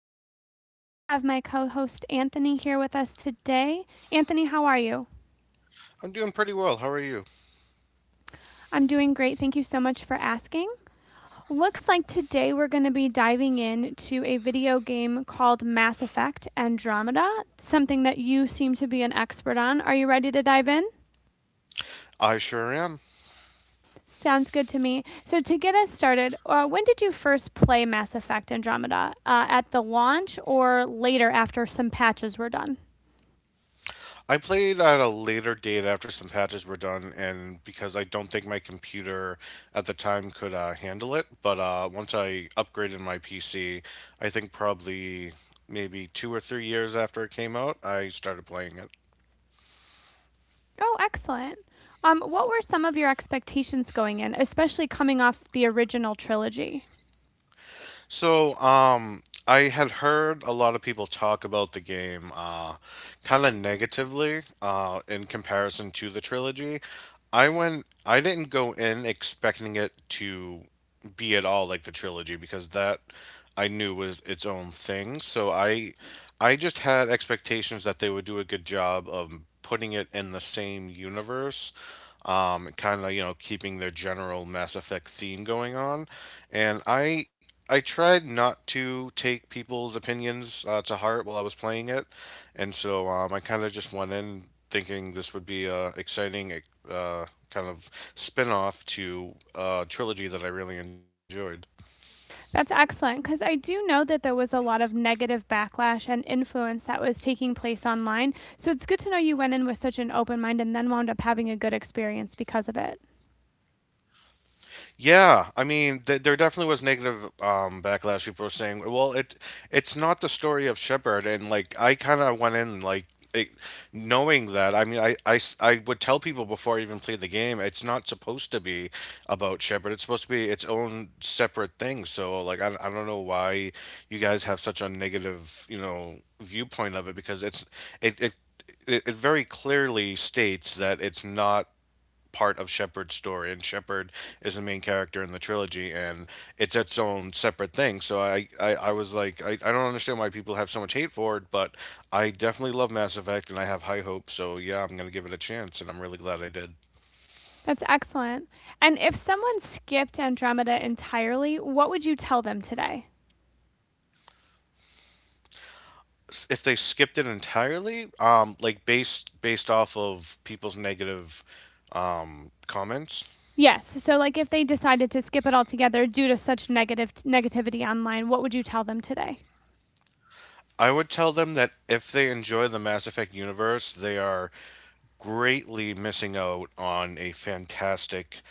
host, Leah. I have my co host, Anthony, here with us today. Anthony, how are you? I'm doing pretty well. How are you? I'm doing great. Thank you so much for asking. Looks like today we're going to be diving into a video game called Mass Effect Andromeda, something that you seem to be an expert on. Are you ready to dive in? I sure am. Sounds good to me. So, to get us started, when did you first play Mass Effect Andromeda? At the launch or later after some patches were done? I played at a later date after some patches were done, and because I don't think my computer at the time could handle it. But once I upgraded my PC, I think probably maybe 2 or 3 years after it came out, I started playing it. Oh, excellent. What were some of your expectations going in, especially coming off the original trilogy? So, I had heard a lot of people talk about the game kind of negatively in comparison to the trilogy. I didn't go in expecting it to be at all like the trilogy because that I knew was its own thing. So I just had expectations that they would do a good job of putting it in the same universe kind of keeping their general Mass Effect theme going on. And I tried not to take people's opinions to heart while I was playing it, and so I kind of just went in thinking this would be a exciting uh, kind of spin off to a trilogy that I really enjoyed. That's excellent because I do know that there was a lot of negative backlash and influence that was taking place online. So it's good to know you went in with such an open mind and then wound up having a good experience because of it. Yeah, I mean, th there definitely was negative backlash. People were saying, "Well, it's not the story of Shepard," and like I kind of went in like it, knowing that. I mean, I would tell people before I even played the game, it's not supposed to be about Shepard. It's supposed to be its own separate thing. So like, I don't know why you guys have such a negative, you know, viewpoint of it because it, it it very clearly states that it's not part of Shepard's story, and Shepard is the main character in the trilogy, and it's its own separate thing. So I was like, I don't understand why people have so much hate for it, but I definitely love Mass Effect, and I have high hopes. So yeah, I'm gonna give it a chance, and I'm really glad I did. That's excellent. And if someone skipped Andromeda entirely, what would you tell them today? If they skipped it entirely, like based off of people's negative comments. Yes. So, like, if they decided to skip it altogether due to such negative negativity online, what would you tell them today? I would tell them that if they enjoy the Mass Effect universe, they are greatly missing out on a fantastic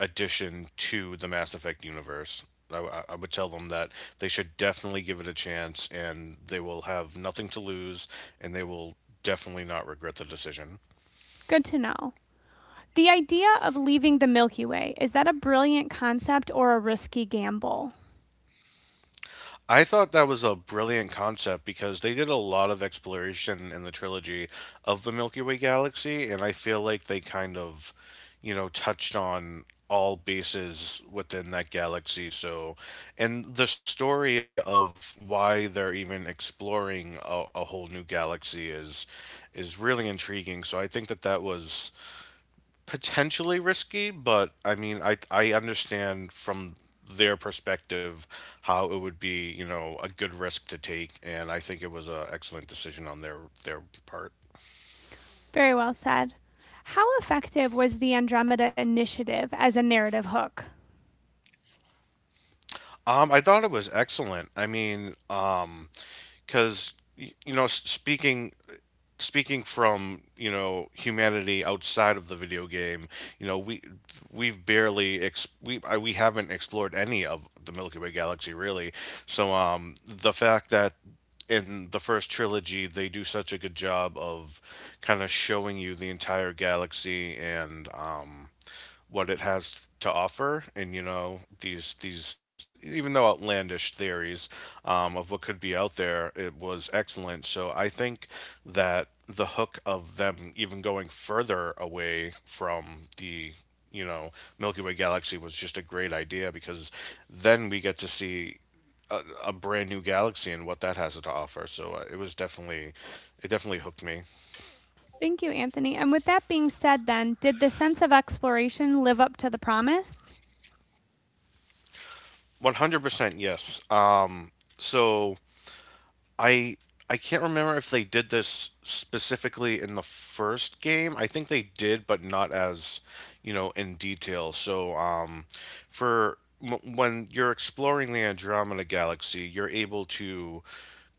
addition to the Mass Effect universe. I would tell them that they should definitely give it a chance and they will have nothing to lose and they will definitely not regret the decision. Good to know. The idea of leaving the Milky Way, is that a brilliant concept or a risky gamble? I thought that was a brilliant concept because they did a lot of exploration in the trilogy of the Milky Way galaxy, and I feel like they kind of, you know, touched on all bases within that galaxy. So, and the story of why they're even exploring a whole new galaxy is really intriguing. So I think that that was potentially risky, but I mean, I understand from their perspective how it would be, you know, a good risk to take, and I think it was an excellent decision on their part. Very well said. How effective was the Andromeda Initiative as a narrative hook? I thought it was excellent. I mean, because you know, speaking from humanity outside of the video game we we've barely ex- we I, we haven't explored any of the milky way galaxy really, so the fact that in the first trilogy they do such a good job of kind of showing you the entire galaxy and what it has to offer and you know these even though outlandish theories of what could be out there. It was excellent, so I think that the hook of them even going further away from the, you know, milky way galaxy was just a great idea because then we get to see a, a brand new galaxy and what that has to offer. So it definitely hooked me. Thank you, Anthony. And with that being said, then, did the sense of exploration live up to the promise? 100% yes. So I I can't remember if they did this specifically in the first game. I think they did, but not as, you know, in detail. So, for when you're exploring the Andromeda Galaxy, you're able to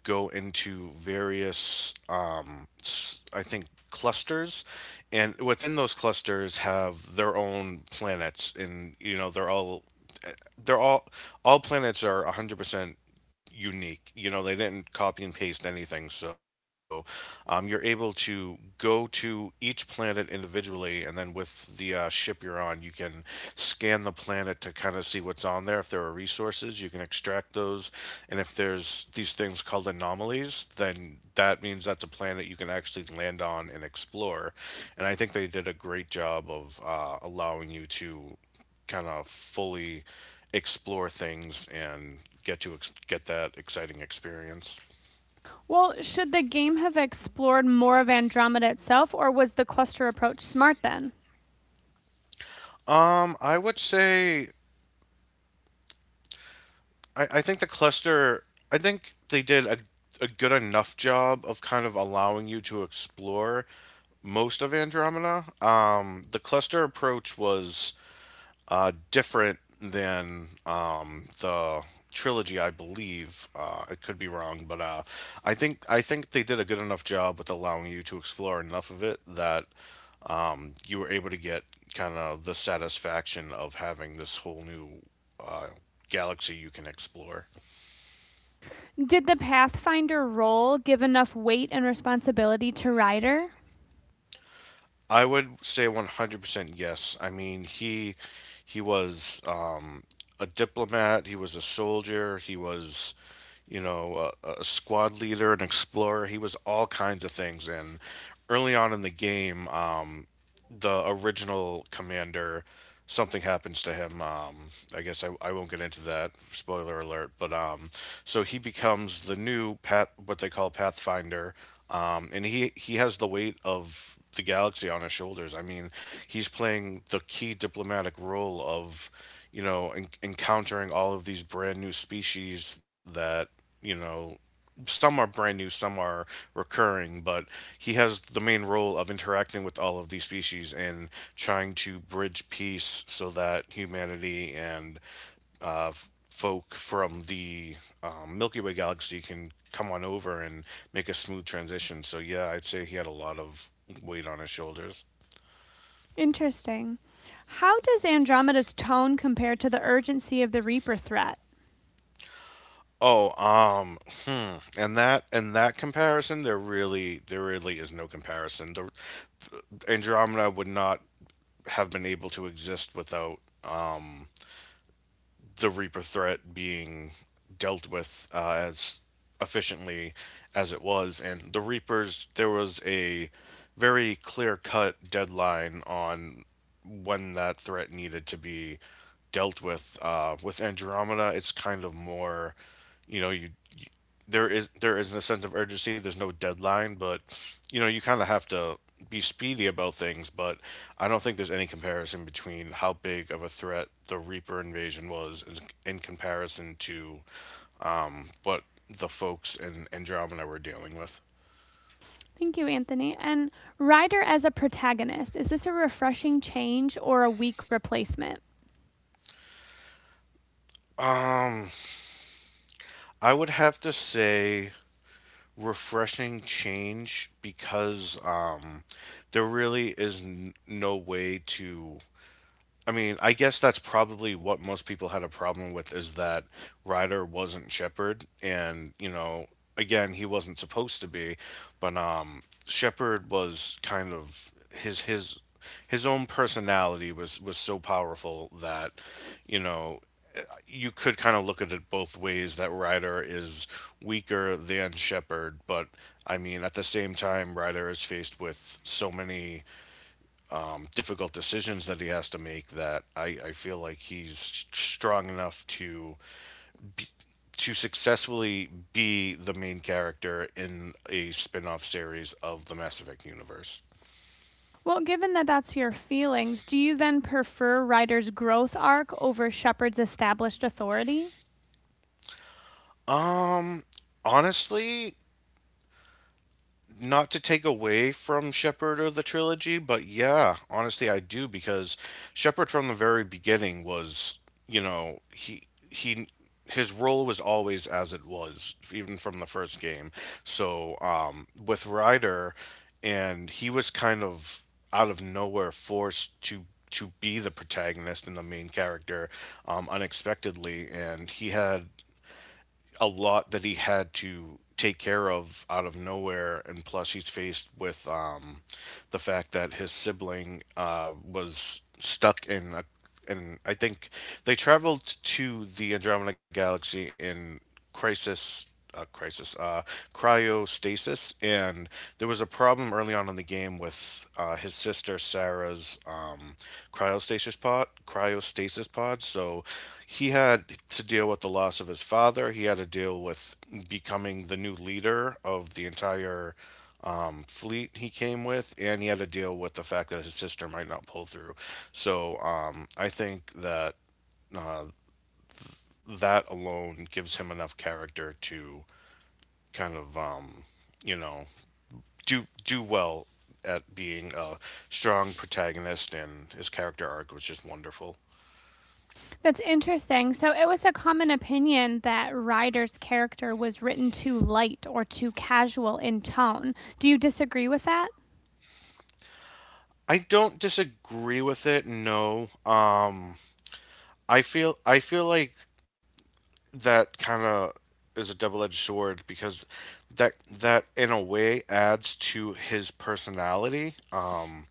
go into various, I think, clusters, and within those clusters have their own planets, and you know they're all planets are 100% unique. You know, they didn't copy and paste anything. So, you're able to go to each planet individually, and then with the ship you're on, you can scan the planet to kind of see what's on there. If there are resources, you can extract those, and if there's these things called anomalies, then that means that's a planet you can actually land on and explore. And I think they did a great job of allowing you to kind of fully explore things and get that exciting experience. Well, should the game have explored more of Andromeda itself, or was the cluster approach smart then? I would say I think the cluster. I think they did a good enough job of kind of allowing you to explore most of Andromeda. The cluster approach was different than the trilogy, I believe. I could be wrong, but I think they did a good enough job with allowing you to explore enough of it that you were able to get kind of the satisfaction of having this whole new uh, galaxy you can explore. Did the Pathfinder role give enough weight and responsibility to Ryder? I would say 100% yes. I mean, he was a diplomat, he was a soldier, he was, you know, a squad leader, an explorer. He was all kinds of things. And early on in the game, the original commander, something happens to him. I won't get into that. Spoiler alert. But so he becomes the new Pat, what they call Pathfinder, and he has the weight of the galaxy on his shoulders. I mean, he's playing the key diplomatic role of, you know, encountering all of these brand new species that, you know, some are brand new, some are recurring, but he has the main role of interacting with all of these species and trying to bridge peace so that humanity and folk from the Milky Way galaxy can come on over and make a smooth transition. So yeah, I'd say he had a lot of weight on his shoulders. Interesting. How does Andromeda's tone compare to the urgency of the Reaper threat? Oh, um, hmm. And that comparison, there really is no comparison. The Andromeda would not have been able to exist without the Reaper threat being dealt with as efficiently as it was. And the Reapers, there was a very clear cut deadline on when that threat needed to be dealt with. With Andromeda, it's kind of more, you know, you there is a sense of urgency. There's no deadline, but you know you kind of have to be speedy about things. But I don't think there's any comparison between how big of a threat the Reaper invasion was in comparison to what the folks in Andromeda were dealing with. Thank you, Anthony. And Ryder as a protagonist, is this a refreshing change or a weak replacement? Um, I would have to say refreshing change because there really is no way to, I mean, I guess that's probably what most people had a problem with is that Ryder wasn't Shepard, and you know, again, he wasn't supposed to be, but Shepard was kind of his own personality was so powerful that you know you could kind of look at it both ways that Ryder is weaker than Shepard, but I mean, at the same time, Ryder is faced with so many difficult decisions that he has to make that I feel like he's strong enough to successfully be the main character in a spin-off series of the Mass Effect universe. Well, given that that's your feelings, do you then prefer Ryder's growth arc over Shepard's established authority? Um honestly, not to take away from Shepard or the trilogy, but yeah, honestly, I do because Shepard from the very beginning was, you know, he his role was always as it was, even from the first game. So with Ryder, and he was kind of out of nowhere forced to be the protagonist and the main character unexpectedly, and he had a lot that he had to take care of out of nowhere and plus he's faced with the fact that his sibling was stuck in a, and I think they traveled to the Andromeda Galaxy in Crisis uh, crisis, uh, cryostasis, and there was a problem early on in the game with his sister Sarah's cryostasis pod. So he had to deal with the loss of his father. He had to deal with becoming the new leader of the entire fleet he came with, and he had to deal with the fact that his sister might not pull through. So I think that uh, that alone gives him enough character to kind of you know do well at being a strong protagonist, and his character arc was just wonderful. That's interesting. So, it was a common opinion that Ryder's character was written too light or too casual in tone. Do you disagree with that? I don't disagree with it. No, I feel like that kind of is a double-edged sword because that in a way adds to his personality.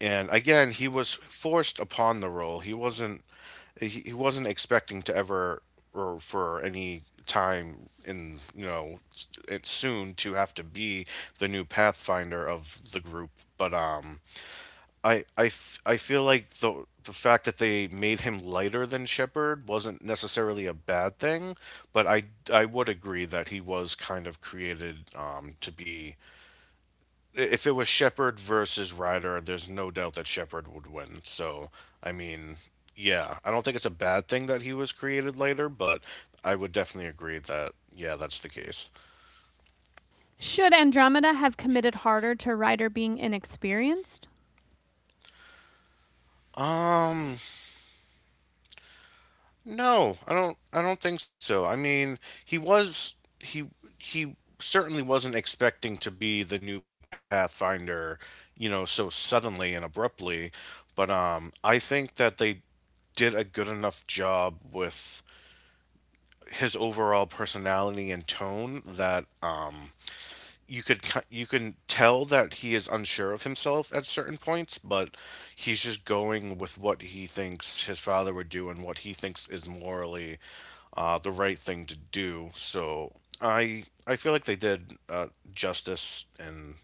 And again, he was forced upon the role. He wasn't expecting to ever, or for any time in you know s- it's soon to have to be the new pathfinder of the group, but I feel like the fact that they made him lighter than Shepard wasn't necessarily a bad thing, but I would agree that he was kind of created, to be — if it was Shepard versus Ryder, there's no doubt that Shepard would win. So, I mean, yeah, I don't think it's a bad thing that he was created later, but I would definitely agree that, yeah, that's the case. Should Andromeda have committed harder to Ryder being inexperienced? Um, no, I don't think so. I mean, he was he he certainly wasn't expecting to be the new Pathfinder, you know, so suddenly and abruptly, but I think that they did a good enough job with his overall personality and tone that, you could you can tell that he is unsure of himself at certain points, but he's just going with what he thinks his father would do and what he thinks is morally, the right thing to do. So I feel like they did justice, and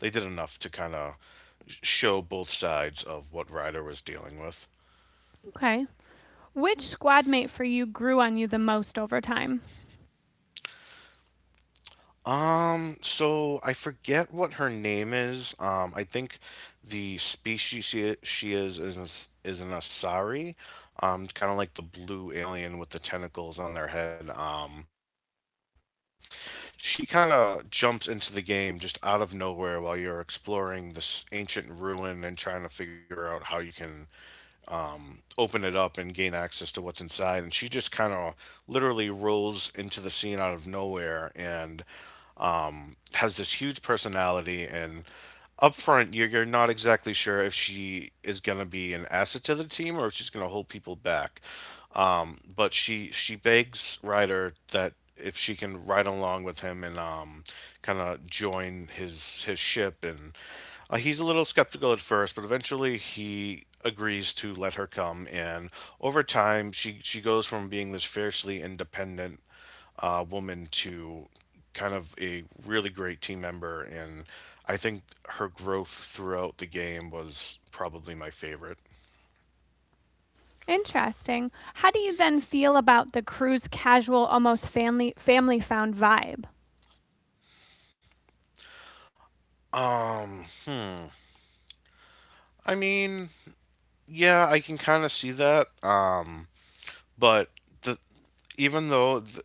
they did enough to kind of show both sides of what Ryder was dealing with. Okay. Which squadmate for you grew on you the most over time? So I forget what her name is. I think the species she is is an Asari, kind of like the blue alien with the tentacles on their head. She kind of jumps into the game just out of nowhere while you're exploring this ancient ruin and trying to figure out how you can open it up and gain access to what's inside. And she just kind of literally rolls into the scene out of nowhere and has this huge personality, and up front you're not exactly sure if she is going to be an asset to the team or if she's going to hold people back, but she begs Ryder that if she can ride along with him and, kind of join his ship. And he's a little skeptical at first, but eventually he agrees to let her come. And over time she goes from being this fiercely independent, woman to kind of a really great team member, and I think her growth throughout the game was probably my favorite. Interesting. How do you then feel about the crew's casual, almost family found vibe? Um, I mean, yeah, I can kind of see that. But the even though the,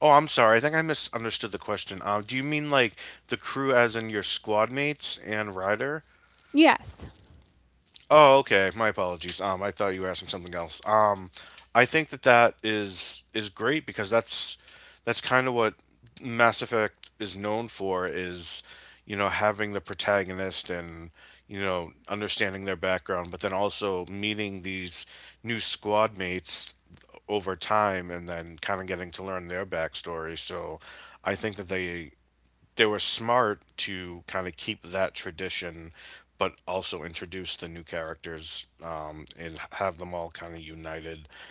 Oh, I'm sorry, I think I misunderstood the question. Do you mean like the crew as in your squad mates and Ryder? Yes, Oh, okay. My apologies. I thought you were asking something else. I think that that is great, because that's kind of what Mass Effect is known for, is, having the protagonist and, understanding their background, but then also meeting these new squad mates over time and then kind of getting to learn their backstory. So I think that they were smart to kind of keep that tradition, but also introduce the new characters, and have them all kind of united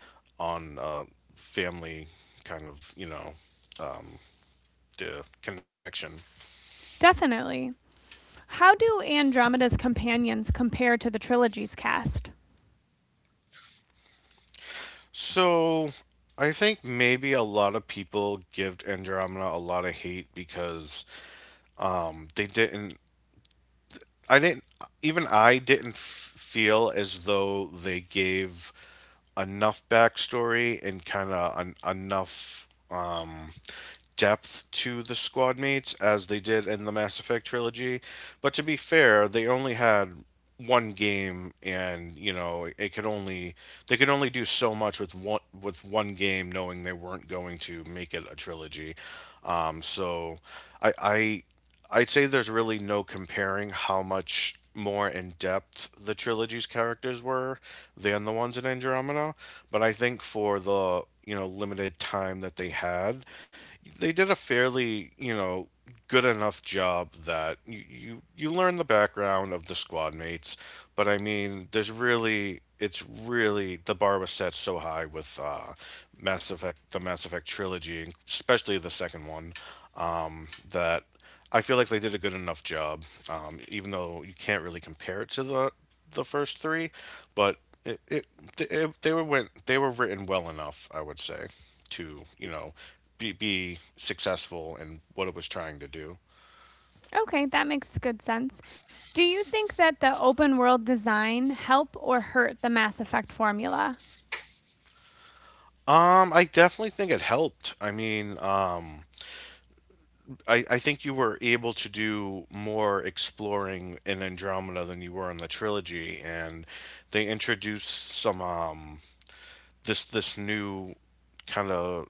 on, family, kind of you know the connection. definitely. How do Andromeda's companions compare to the trilogy's cast? So I think maybe a lot of people give Andromeda a lot of hate because they didn't. I didn't. Even I didn't feel as though they gave enough backstory and kind of enough, depth to the squad mates as they did in the Mass Effect trilogy. But to be fair, they only had one game, and you know it could only they could only do so much with one game, knowing they weren't going to make it a trilogy. Um so i i I'd say there's really no comparing how much more in depth the trilogy's characters were than the ones in Andromeda. But I think for the, limited time that they had, they did a fairly, good enough job that you learn the background of the squad mates. But I mean, there's really, it's really — the bar was set so high with, Mass Effect, the Mass Effect trilogy, especially the second one, that I feel like they did a good enough job. Even though you can't really compare it to the first three, but it, it, it they were went they were written well enough, I would say, to be successful in what it was trying to do. Okay, that makes good sense. Do you think that the open world design help or hurt the Mass Effect formula? I definitely think it helped. I mean, I think you were able to do more exploring in Andromeda than you were in the trilogy, and they introduced some this new kind of,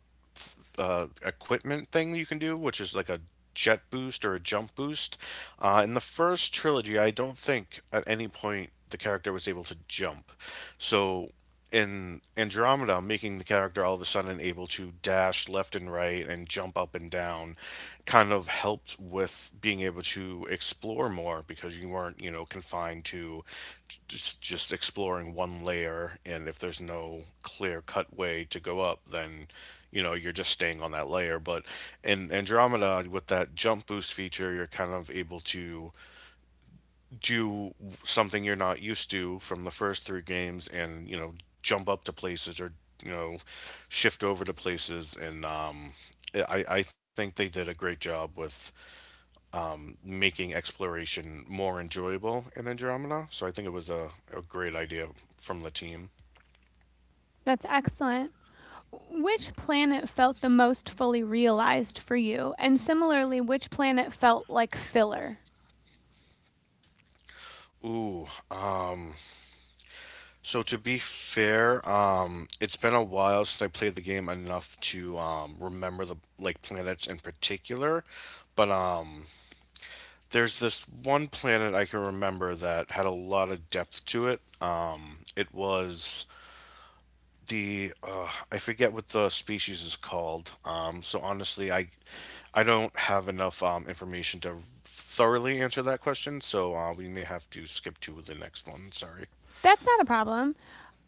equipment thing you can do, which is like a jet boost or a jump boost. In the first trilogy, I don't think at any point the character was able to jump, so in Andromeda, making the character all of a sudden able to dash left and right and jump up and down kind of helped with being able to explore more, because you weren't, confined to just exploring one layer. And if there's no clear cut way to go up, then, you're just staying on that layer. But in Andromeda with that jump boost feature, you're kind of able to do something you're not used to from the first three games, and, jump up to places or, you know, shift over to places. And, I think they did a great job with making exploration more enjoyable in Andromeda. So I think it was a great idea from the team. That's excellent. Which planet felt the most fully realized for you? And similarly, which planet felt like filler? Ooh. So to be fair, it's been a while since I played the game enough to, remember the like planets in particular, but there's this one planet I can remember that had a lot of depth to it. It was the I forget what the species is called. So honestly, I don't have enough, information to thoroughly answer that question. So, we may have to skip to the next one. Sorry. That's not a problem.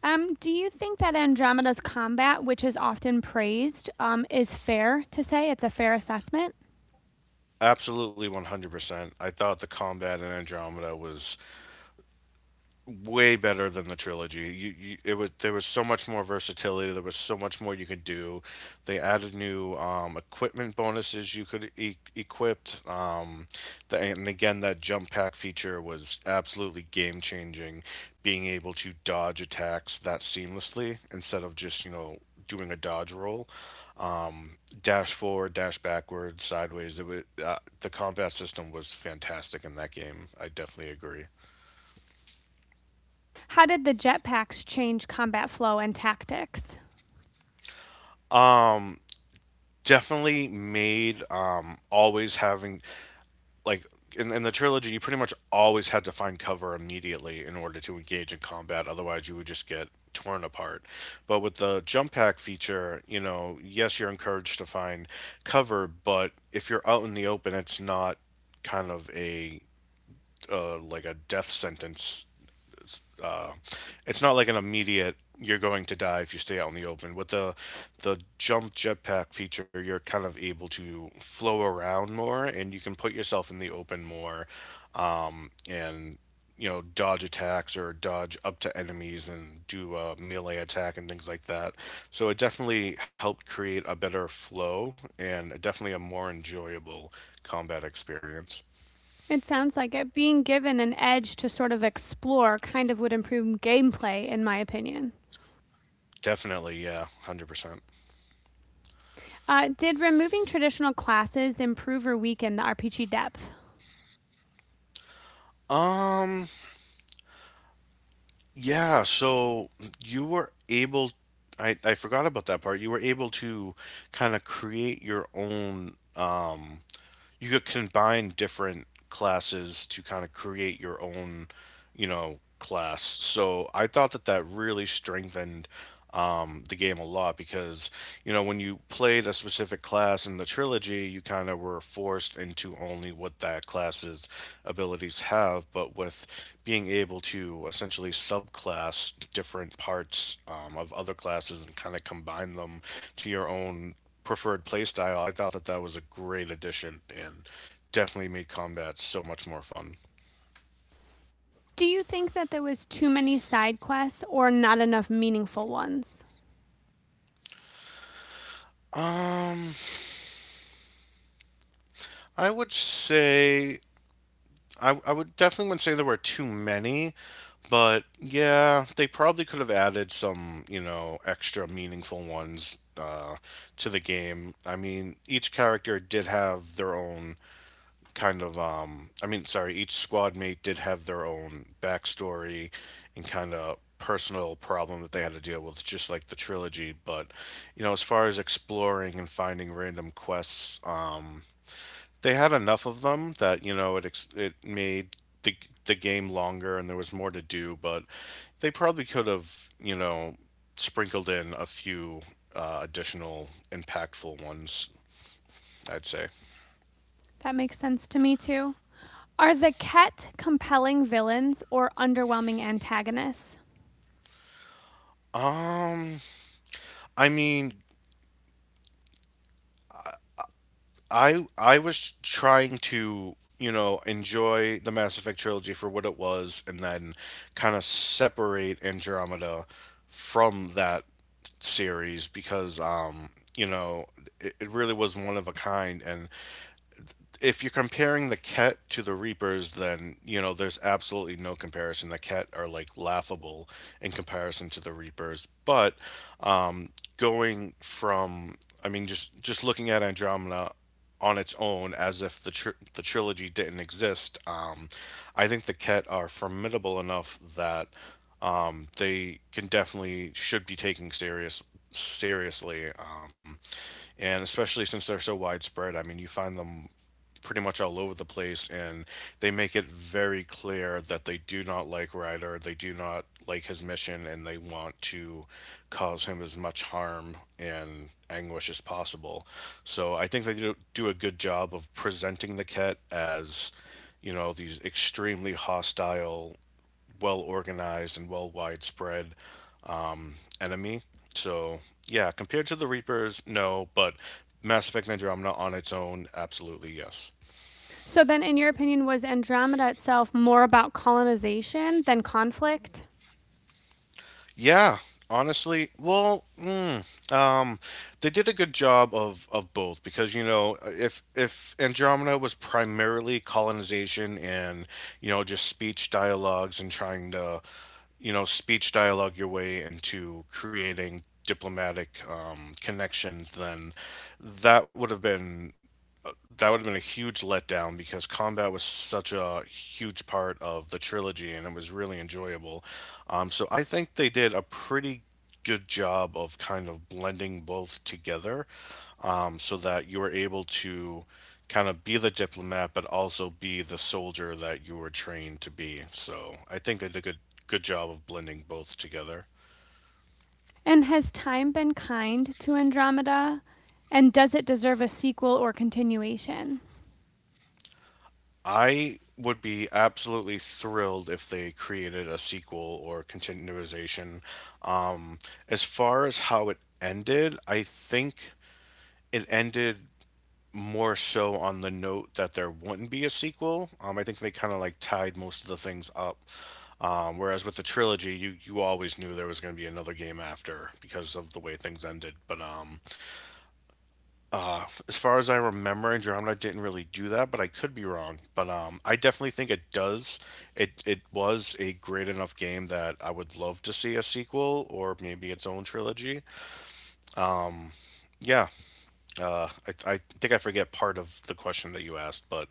Do you think that Andromeda's combat, which is often praised, is fair to say? It's a fair assessment? Absolutely, 100%. I thought the combat in Andromeda was way better than the trilogy. You it was there was so much more versatility. There was so much more you could do. They added new, equipment bonuses you could equip. And again, that jump pack feature was absolutely game changing. Being able to dodge attacks that seamlessly instead of just doing a dodge roll, dash forward, dash backward, sideways. The combat system was fantastic in that game. I definitely agree. How did the jetpacks change combat flow and tactics? Um. Definitely made, always having, like, in the trilogy you pretty much always had to find cover immediately in order to engage in combat, otherwise you would just get torn apart. But with the jump pack feature, you know, yes, you're encouraged to find cover, but if you're out in the open, it's not kind of a, like a death sentence, uh, it's not like an immediate you're going to die if you stay out in the open. With the jump jetpack feature, you're kind of able to flow around more, and you can put yourself in the open more, and you know dodge attacks or dodge up to enemies and do a melee attack and things like that. So it definitely helped create a better flow and definitely a more enjoyable combat experience. It sounds like it. Being given an edge to sort of explore kind of would improve gameplay, in my opinion. Definitely, yeah, 100%. Did removing traditional classes improve or weaken the RPG depth? Um Yeah, so you were able — I forgot about that part. You were able to kind of create your own — you could combine different classes to kind of create your own, class. So I thought that that really strengthened, the game a lot, because, when you played a specific class in the trilogy, you kind of were forced into only what that class's abilities have. But with being able to essentially subclass different parts, of other classes and kind of combine them to your own preferred playstyle, I thought that that was a great addition and definitely made combat so much more fun. Do you think that there was too many side quests or not enough meaningful ones? Um, I would say I would definitely wouldn't say there were too many, but yeah, they probably could have added some, extra meaningful ones, to the game. I mean, each character did have their own kind of each squad mate did have their own backstory and kind of personal problem that they had to deal with just like the trilogy, but you know, as far as exploring and finding random quests, they had enough of them that you know it made the the game longer and there was more to do, but they probably could have, you know, sprinkled in a few additional impactful ones, I'd say. That makes sense to me too. Are the Ket compelling villains or underwhelming antagonists? um i mean I was trying to, you know, enjoy the Mass Effect trilogy for what it was and then kind of separate Andromeda from that series because, you know, it really was one of a kind. And if you're comparing the Ket to the Reapers, then you know there's absolutely no comparison. The Ket are like laughable in comparison to the Reapers. Um, going from, I mean, just looking at Andromeda on its own, as if the the trilogy didn't exist, I think the Ket are formidable enough that they can definitely should be taken seriously, and especially since they're so widespread. I mean, you find them pretty much all over the place, and they make it very clear that they do not like Ryder, they do not like his mission, and they want to cause him as much harm and anguish as possible. So I think they do, do a good job of presenting the Ket as, you know, these extremely hostile, well organized, and well widespread enemy. So yeah, compared to the Reapers, no, but Mass Effect Andromeda on its own, absolutely yes. So then in your opinion was Andromeda itself more about colonization than conflict? Yeah, honestly, well, they did a good job of both, because you know, if Andromeda was primarily colonization and, you know, just speech dialogues and trying to, you know, speech dialogue your way into creating diplomatic, connections, then that would have been that would have been a huge letdown, because combat was such a huge part of the trilogy and it was really enjoyable. So I think they did a pretty good job of kind of blending both together, so that you were able to kind of be the diplomat but also be the soldier that you were trained to be. So I think they did a good job of blending both together. And has time been kind to Andromeda? And does it deserve a sequel or continuation? I would be absolutely thrilled if they created a sequel or continuation. Um, as far as how it ended, I think it ended more so on the note that there wouldn't be a sequel. I think they kind of like tied most of the things up. Whereas with the trilogy, you always knew there was going to be another game after because of the way things ended. But as far as I remember, Andromeda didn't really do that, but I could be wrong. But I definitely think it does. It was a great enough game that I would love to see a sequel or maybe its own trilogy. Yeah, uh, I think I forget part of the question that you asked, but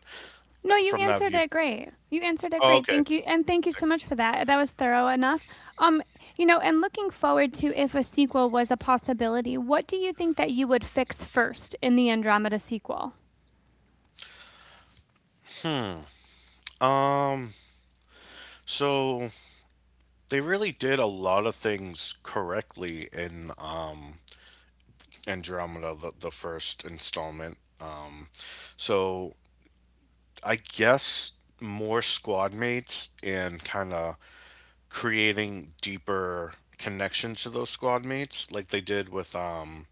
No, you from that answered view. it great. You answered it Oh, great. okay. Thank you, and thank you so much for that. That was thorough enough. Um, you know, and looking forward to if a sequel was a possibility, what do you think that you would fix first in the Andromeda sequel? Um, so they really did a lot of things correctly in Andromeda, the first installment. So I guess more squad mates and kind of creating deeper connections to those squad mates, like they did with,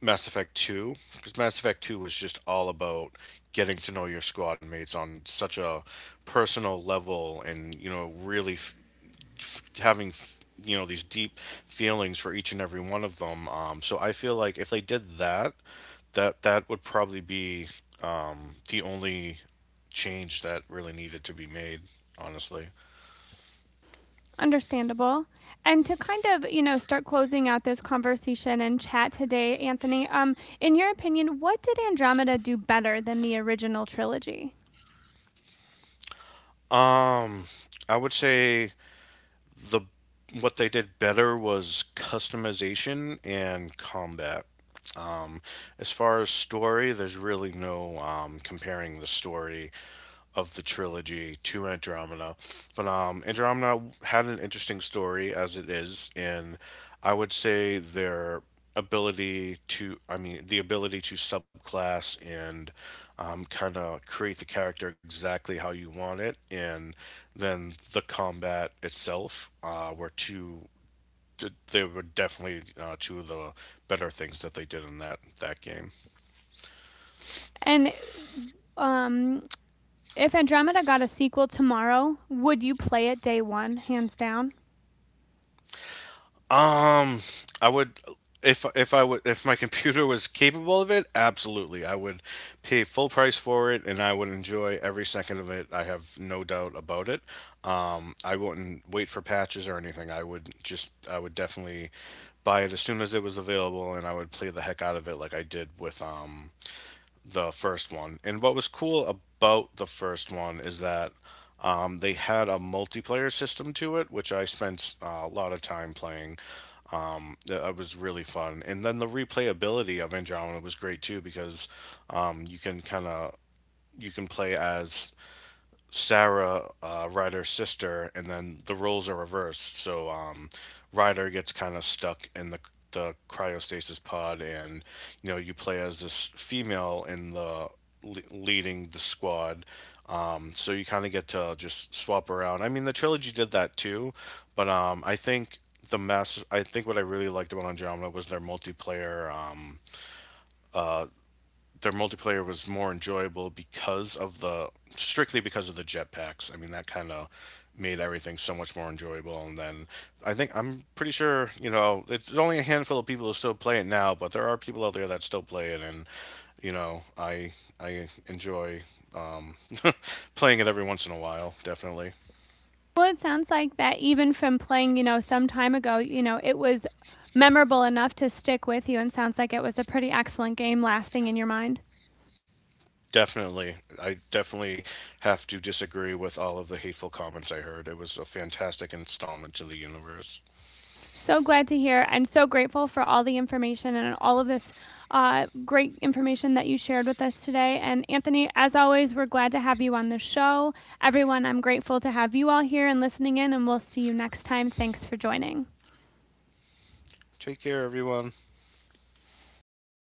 Mass Effect 2. Because Mass Effect 2 was just all about getting to know your squad mates on such a personal level and, you know, really having, you know, these deep feelings for each and every one of them. So I feel like if they did that, that would probably be the only change that really needed to be made. Honestly, Understandable. And to kind of, you know, start closing out this conversation and chat today, Anthony, in your opinion, what did Andromeda do better than the original trilogy? um, I would say the what they did better was customization and combat. Um, as far as story, there's really no, comparing the story of the trilogy to Andromeda. But Andromeda had an interesting story as it is, and I would say their ability to, I mean, the ability to subclass and, kind of create the character exactly how you want it, and then the combat itself were two. They were definitely two of the better things that they did in that game. And um, if Andromeda got a sequel tomorrow, would you play it day one, hands down? Um, I would if my computer was capable of it, absolutely. I would pay full price for it and I would enjoy every second of it. I have no doubt about it. I wouldn't wait for patches or anything. I would definitely buy it as soon as it was available and I would play the heck out of it like I did with the first one. And what was cool about the first one is that, they had a multiplayer system to it, which I spent a lot of time playing. That was really fun, and then the replayability of Andromeda was great too, because um, you can kind of you can play as Sarah, Ryder's sister, and then the roles are reversed. So, Ryder gets kind of stuck in the cryostasis pod, and you know, you play as this female leading the squad. So you kind of get to just swap around. I mean, the trilogy did that too, but, I think the master. I think what I really liked about Andromeda was their multiplayer. Their multiplayer was more enjoyable because of the strictly because of the jetpacks. I mean, that kind of made everything so much more enjoyable. And then I think, I'm pretty sure, you know, it's only a handful of people who still play it now, but there are people out there that still play it, and you know, I enjoy, um, playing it every once in a while. Definitely, Well, it sounds like that even from playing, you know, some time ago, you know, it was memorable enough to stick with you and sounds like it was a pretty excellent game lasting in your mind. definitely, I definitely have to disagree with all of the hateful comments I heard. It was a fantastic installment to the universe. So glad to hear and so grateful for all the information and all of this great information that you shared with us today. And Anthony, as always, we're glad to have you on the show. Everyone, I'm grateful to have you all here and listening in, and we'll see you next time. Thanks for joining. Take care, everyone.